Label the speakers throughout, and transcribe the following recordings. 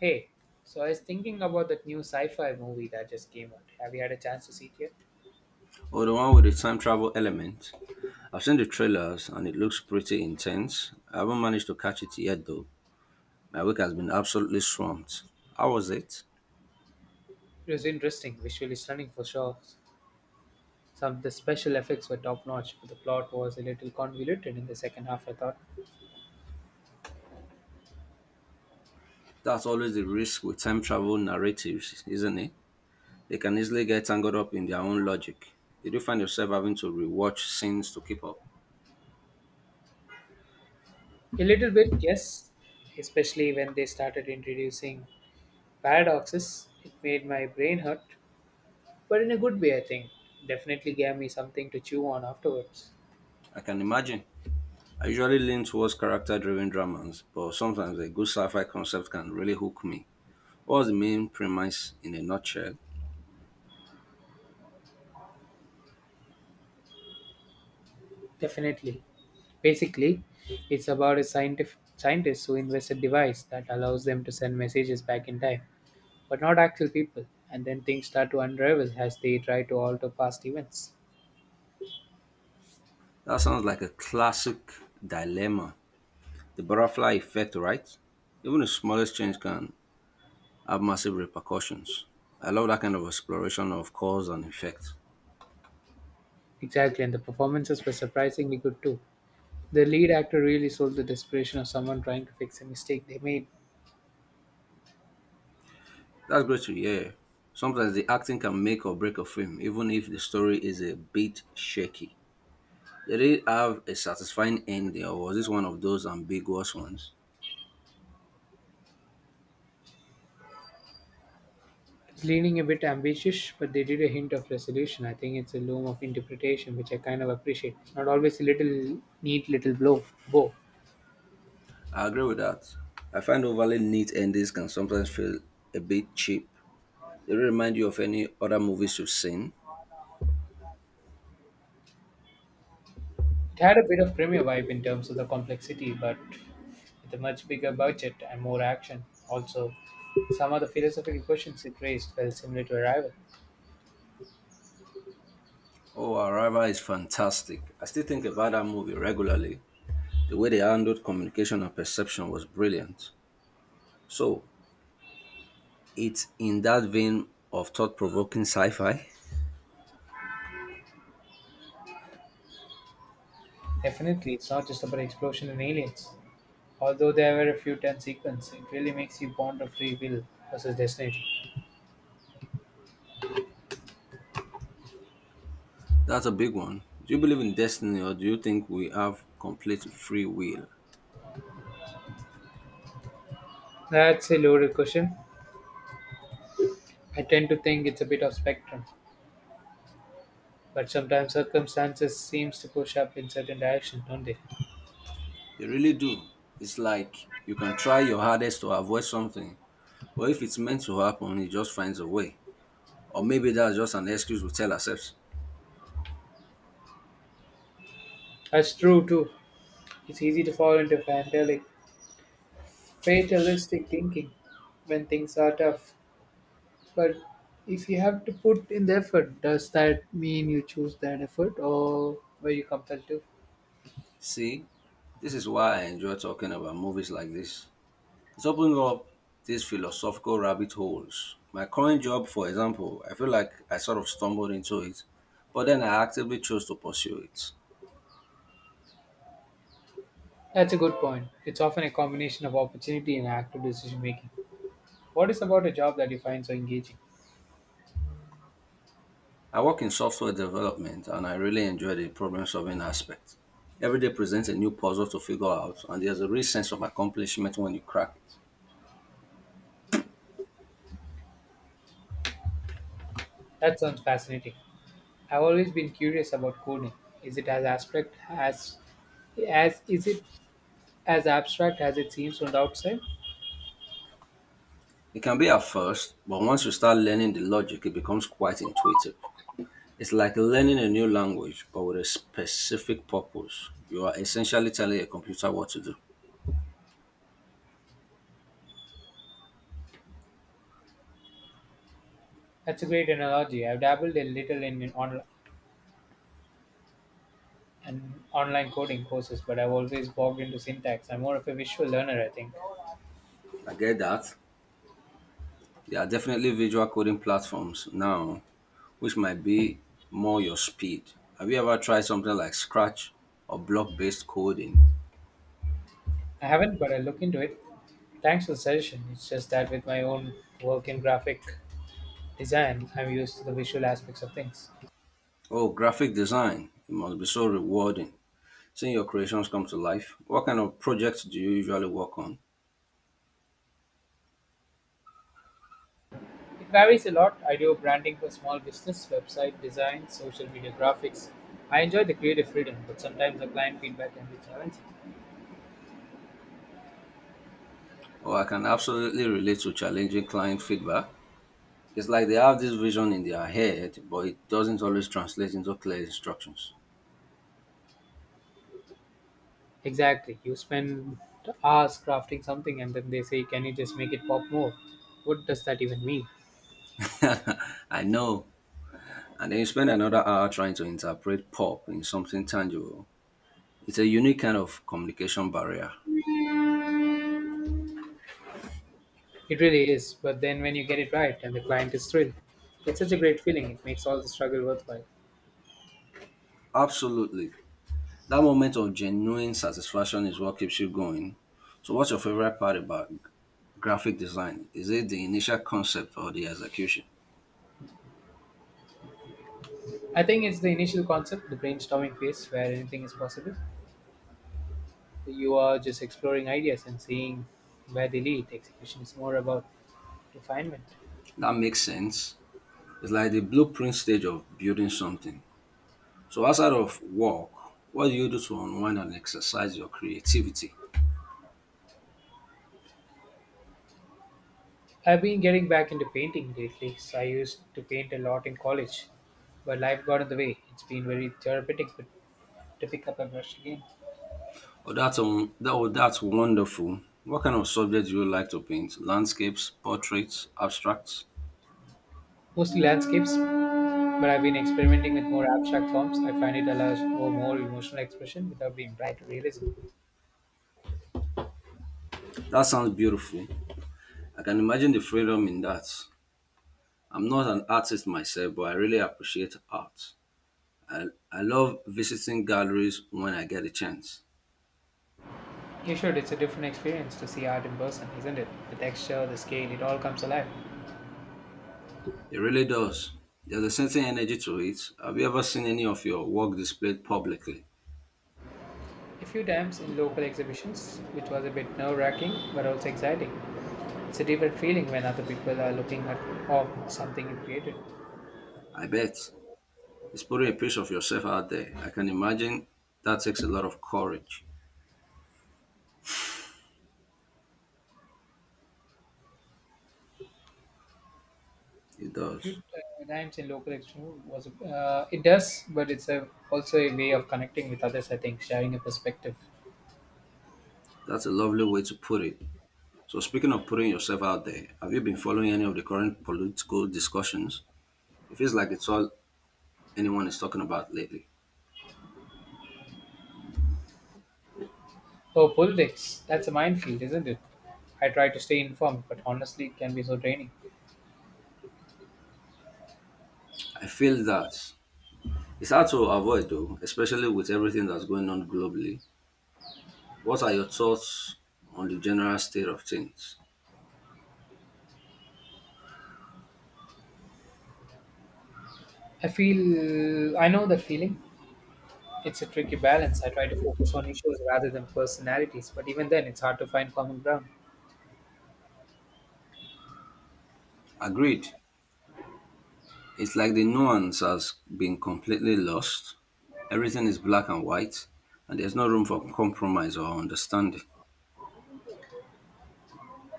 Speaker 1: Hey, so I was thinking about that new sci fi movie that just came out. Have you had a chance to see it yet?
Speaker 2: Or the one with the time travel element. I've seen the trailers and it looks pretty intense. I haven't managed to catch it yet though. My week has been absolutely swamped. How was it?
Speaker 1: It was interesting, visually stunning for sure. Some of the special effects were top notch, but the plot was a little convoluted in the second half, I thought.
Speaker 2: That's always the risk with time travel narratives, isn't it? They can easily get tangled up in their own logic. Did you find yourself having to rewatch scenes to keep up?
Speaker 1: A little bit, yes, especially when they started introducing paradoxes. It made my brain hurt, but in a good way, I think. Definitely gave me something to chew on afterwards.
Speaker 2: I can imagine. I usually lean towards character driven dramas, but sometimes a good sci fi concept can really hook me. What was the main premise in a nutshell?
Speaker 1: Definitely. Basically, it's about a scientist who invents a device that allows them to send messages back in time, but not actual people. And then things start to unravel as they try to alter past events.
Speaker 2: That sounds like a classic dilemma. The butterfly effect, right? Even the smallest change can have massive repercussions. I love that kind of exploration of cause and effect.
Speaker 1: Exactly, and the performances were surprisingly good too. The lead actor really sold the desperation of someone trying to fix a mistake they made.
Speaker 2: That's great to hear. Sometimes the acting can make or break a film, even if the story is a bit shaky. Did it have a satisfying ending, or was this one of those ambiguous ones?
Speaker 1: It's leaning a bit ambitious, but they did a hint of resolution. I think it's a loom of interpretation, which I kind of appreciate. It's not always a little neat little blow bow.
Speaker 2: I agree with that. I find overly neat endings can sometimes feel a bit cheap. Did it remind you of any other movies you've seen?
Speaker 1: It had a bit of premiere vibe in terms of the complexity, but with a much bigger budget and more action. Also, some of the philosophical questions it raised felt similar to Arrival.
Speaker 2: Oh, Arrival is fantastic. I still think about that movie regularly. The way they handled communication and perception was brilliant. So, it's in that vein of thought provoking sci fi?
Speaker 1: Definitely, it's not just about explosion and aliens. Although there were a few tense sequences, it really makes you ponder free will versus destiny.
Speaker 2: That's a big one. Do you believe in destiny or do you think we have complete free will?
Speaker 1: That's a loaded question. I tend to think it's a bit of spectrum, but sometimes circumstances seems to push up in certain directions, don't they?
Speaker 2: They really do. It's like you can try your hardest to avoid something, but if it's meant to happen, it just finds a way. Or maybe that's just an excuse we tell ourselves.
Speaker 1: That's true too. It's easy to fall into fantastic fatalistic thinking when things are tough. But if you have to put in the effort, does that mean you choose that effort or were you compelled to?
Speaker 2: See, this is why I enjoy talking about movies like this. It's opening up these philosophical rabbit holes. My current job, for example, I feel like I sort of stumbled into it, but then I actively chose to pursue it.
Speaker 1: That's a good point. It's often a combination of opportunity and active decision making. What is about a job that you find so engaging?
Speaker 2: I work in software development and I really enjoy the problem solving aspect. Every day presents a new puzzle to figure out, and there's a real sense of accomplishment when you crack it.
Speaker 1: That sounds fascinating. I've always been curious about coding. Is it as is it as abstract as it seems from the outside?
Speaker 2: It can be at first, but once you start learning the logic, it becomes quite intuitive. It's like learning a new language, but with a specific purpose. You are essentially telling a computer what to do.
Speaker 1: That's a great analogy. I've dabbled a little in and online coding courses, but I've always bogged into syntax. I'm more of a visual learner, I think.
Speaker 2: I get that. There are definitely visual coding platforms now, which might be more your speed. Have you ever tried something like Scratch or block based coding?
Speaker 1: I haven't, but I look into it. Thanks for the suggestion. It's just that with my own work in graphic design, I'm used to the visual aspects of things.
Speaker 2: Oh, graphic design. It must be so rewarding seeing your creations come to life. What kind of projects do you usually work on?
Speaker 1: It varies a lot. I do branding for small business, website design, social media graphics. I enjoy the creative freedom, but sometimes the client feedback can be challenging.
Speaker 2: Oh, I can absolutely relate to challenging client feedback. It's like they have this vision in their head, but it doesn't always translate into clear instructions.
Speaker 1: Exactly. You spend hours crafting something and then they say, can you just make it pop more? What does that even mean?
Speaker 2: I know. And then you spend another hour trying to interpret pop in something tangible. It's a unique kind of communication barrier.
Speaker 1: It really is, but then when you get it right and the client is thrilled, it's such a great feeling. It makes all the struggle worthwhile.
Speaker 2: Absolutely. That moment of genuine satisfaction is what keeps you going. So, what's your favorite part about graphic design? Is it the initial concept or the execution?
Speaker 1: I think it's the initial concept, the brainstorming phase where anything is possible. You are just exploring ideas and seeing where they lead. Execution is more about refinement.
Speaker 2: That makes sense. It's like the blueprint stage of building something. So, outside of work, what do you do to unwind and exercise your creativity?
Speaker 1: I've been getting back into painting lately, so I used to paint a lot in college, but life got in the way. It's been very therapeutic but to pick up a brush again.
Speaker 2: Oh, that's wonderful. What kind of subject do you like to paint? Landscapes, portraits, abstracts?
Speaker 1: Mostly landscapes, but I've been experimenting with more abstract forms. I find it allows for more emotional expression without being tied to realism.
Speaker 2: That sounds beautiful. I can imagine the freedom in that. I'm not an artist myself, but I really appreciate art. I, I love visiting galleries when I get a chance.
Speaker 1: You should, it's a different experience to see art in person, isn't it? The texture, the scale, it all comes alive.
Speaker 2: It really does. There's a certain energy to it. Have you ever seen any of your work displayed publicly?
Speaker 1: A few times in local exhibitions, which was a bit nerve wracking but also exciting. It's a different feeling when other people are looking at of something you created.
Speaker 2: I bet. It's putting a piece of yourself out there. I can imagine that takes a lot of courage. It does.
Speaker 1: Few times in local exhibition was it does, but it's a, also a way of connecting with others. I think sharing a perspective.
Speaker 2: That's a lovely way to put it. So, speaking of putting yourself out there, have you been following any of the current political discussions? It feels like it's all anyone is talking about lately.
Speaker 1: Oh, politics. That's a minefield, isn't it? I try to stay informed, but honestly, it can be so draining.
Speaker 2: I feel that it's hard to avoid, though, especially with everything that's going on globally. What are your thoughts on the general state of things?
Speaker 1: I feel. I know that feeling. It's a tricky balance. I try to focus on issues rather than personalities, but even then, it's hard to find common ground.
Speaker 2: Agreed. It's like the nuance has been completely lost. Everything is black and white, and there's no room for compromise or understanding.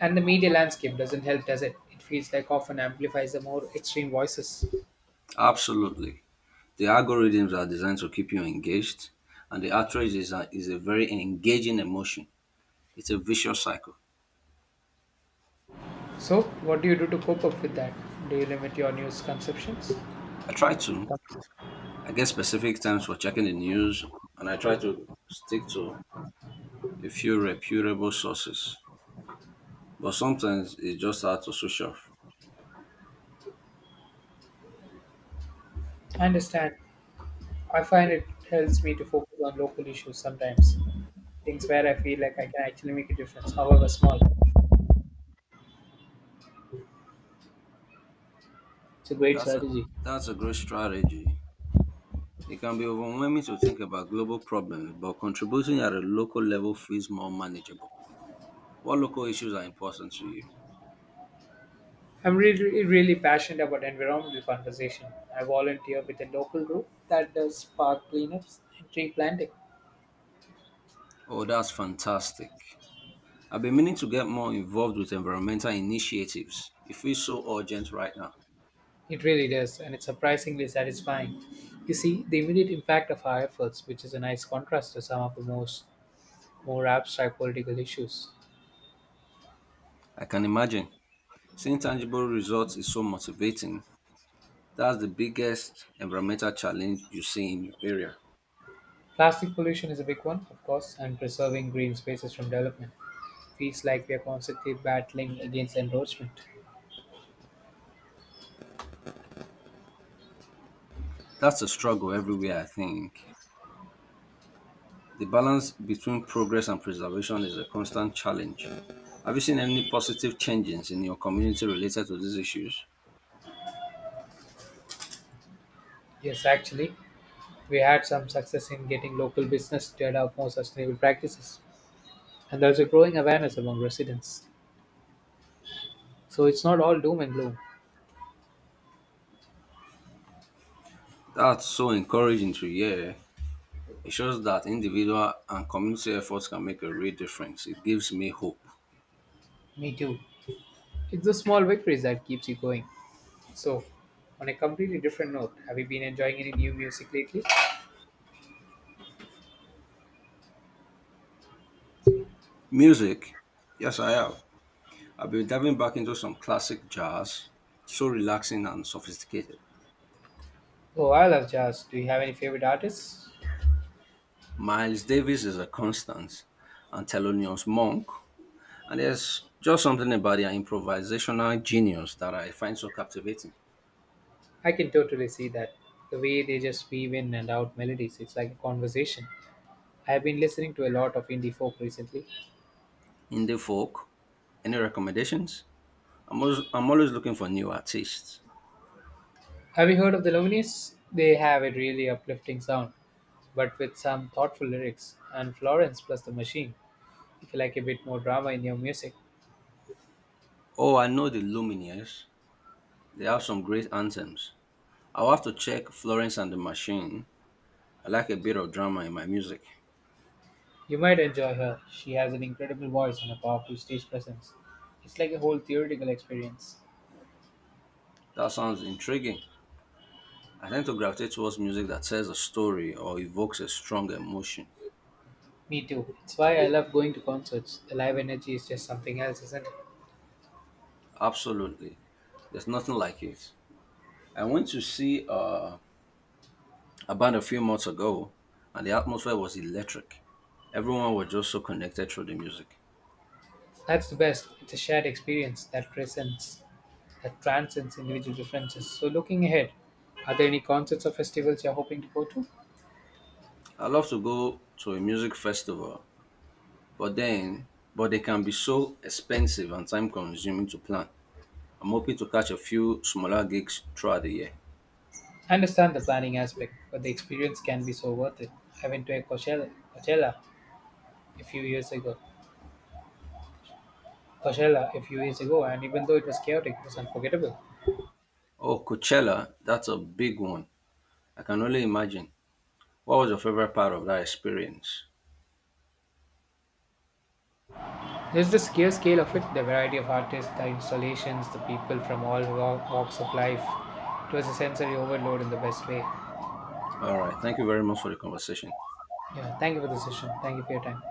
Speaker 1: And the media landscape doesn't help, does it? It feels like often amplifies the more extreme voices.
Speaker 2: Absolutely. The algorithms are designed to keep you engaged, and the outrage is a very engaging emotion. It's a vicious cycle.
Speaker 1: So, what do you do to cope up with that? Do you limit your news consumptions?
Speaker 2: I try to, I get specific times for checking the news, and I try to stick to a few reputable sources. But sometimes it's just hard to switch off.
Speaker 1: I understand. I find it helps me to focus on local issues sometimes, things where I feel like I can actually make a difference, however small. It's a great
Speaker 2: That's a,
Speaker 1: strategy.
Speaker 2: that's a great strategy. It can be overwhelming to think about global problems, but contributing at a local level feels more manageable. What local issues are important to you?
Speaker 1: I'm really, really passionate about environmental conservation. I volunteer with a local group that does park cleanups and tree planting.
Speaker 2: Oh, that's fantastic. I've been meaning to get more involved with environmental initiatives. It feels so urgent right now.
Speaker 1: It really does, and it's surprisingly satisfying. You see the immediate impact of our efforts, which is a nice contrast to some of the most more abstract political issues.
Speaker 2: I can imagine. Seeing tangible results is so motivating. That's the biggest environmental challenge you see in your area.
Speaker 1: Plastic pollution is a big one, of course, and preserving green spaces from development. Feels like we are constantly battling against encroachment.
Speaker 2: That's a struggle everywhere, I think. The balance between progress and preservation is a constant challenge. Have you seen any positive changes in your community related to these issues?
Speaker 1: Yes, actually, we had some success in getting local business to adopt more sustainable practices, and there's a growing awareness among residents. So it's not all doom and gloom.
Speaker 2: That's so encouraging to hear. It shows that individual and community efforts can make a real difference. It gives me hope.
Speaker 1: Me too. It's the small victories that keeps you going. So, on a completely different note, have you been enjoying any new music lately?
Speaker 2: Music? Yes, I have. I've been diving back into some classic jazz, so relaxing and sophisticated.
Speaker 1: Oh, I love jazz. Do you have any favorite artists?
Speaker 2: Miles Davis is a constant, and Thelonious Monk. And there's just something about their improvisational genius that I find so captivating.
Speaker 1: I can totally see that. The way they just weave in and out melodies, it's like a conversation. I have been listening to a lot of indie folk recently.
Speaker 2: Indie folk, any recommendations? I'm always looking for new artists.
Speaker 1: Have you heard of the Lumineers? They have a really uplifting sound, but with some thoughtful lyrics. And Florence plus the Machine. If you like a bit more drama in your music,
Speaker 2: Oh, I know the Lumineers. They have some great anthems. I'll have to check Florence and the Machine. I like a bit of drama in my music.
Speaker 1: you might enjoy her. She has an incredible voice and a powerful stage presence. It's like a whole theoretical experience.
Speaker 2: That sounds intriguing. I tend to gravitate towards music that tells a story or evokes a strong emotion.
Speaker 1: Me too. It's why I love going to concerts. The live energy is just something else, isn't it?
Speaker 2: Absolutely. There's nothing like it. I went to see a band a few months ago, and the atmosphere was electric. Everyone was just so connected through the music.
Speaker 1: That's the best. It's a shared experience that transcends individual differences. So, looking ahead, are there any concerts or festivals you're hoping to go to?
Speaker 2: I love to go to a music festival, but then, but they can be so expensive and time consuming to plan. I'm hoping to catch a few smaller gigs throughout the year.
Speaker 1: I understand the planning aspect, but the experience can be so worth it. I went to Coachella a few years ago. Coachella a few years ago, and even though it was chaotic, it was unforgettable.
Speaker 2: Oh, Coachella, that's a big one. I can only imagine. What was your favorite part of that experience?
Speaker 1: There's the sheer scale of it, the variety of artists, the installations, the people from all walks of life. It was a sensory overload in the best way.
Speaker 2: All right. Thank you very much for the conversation.
Speaker 1: Yeah, thank you for the session. Thank you for your time.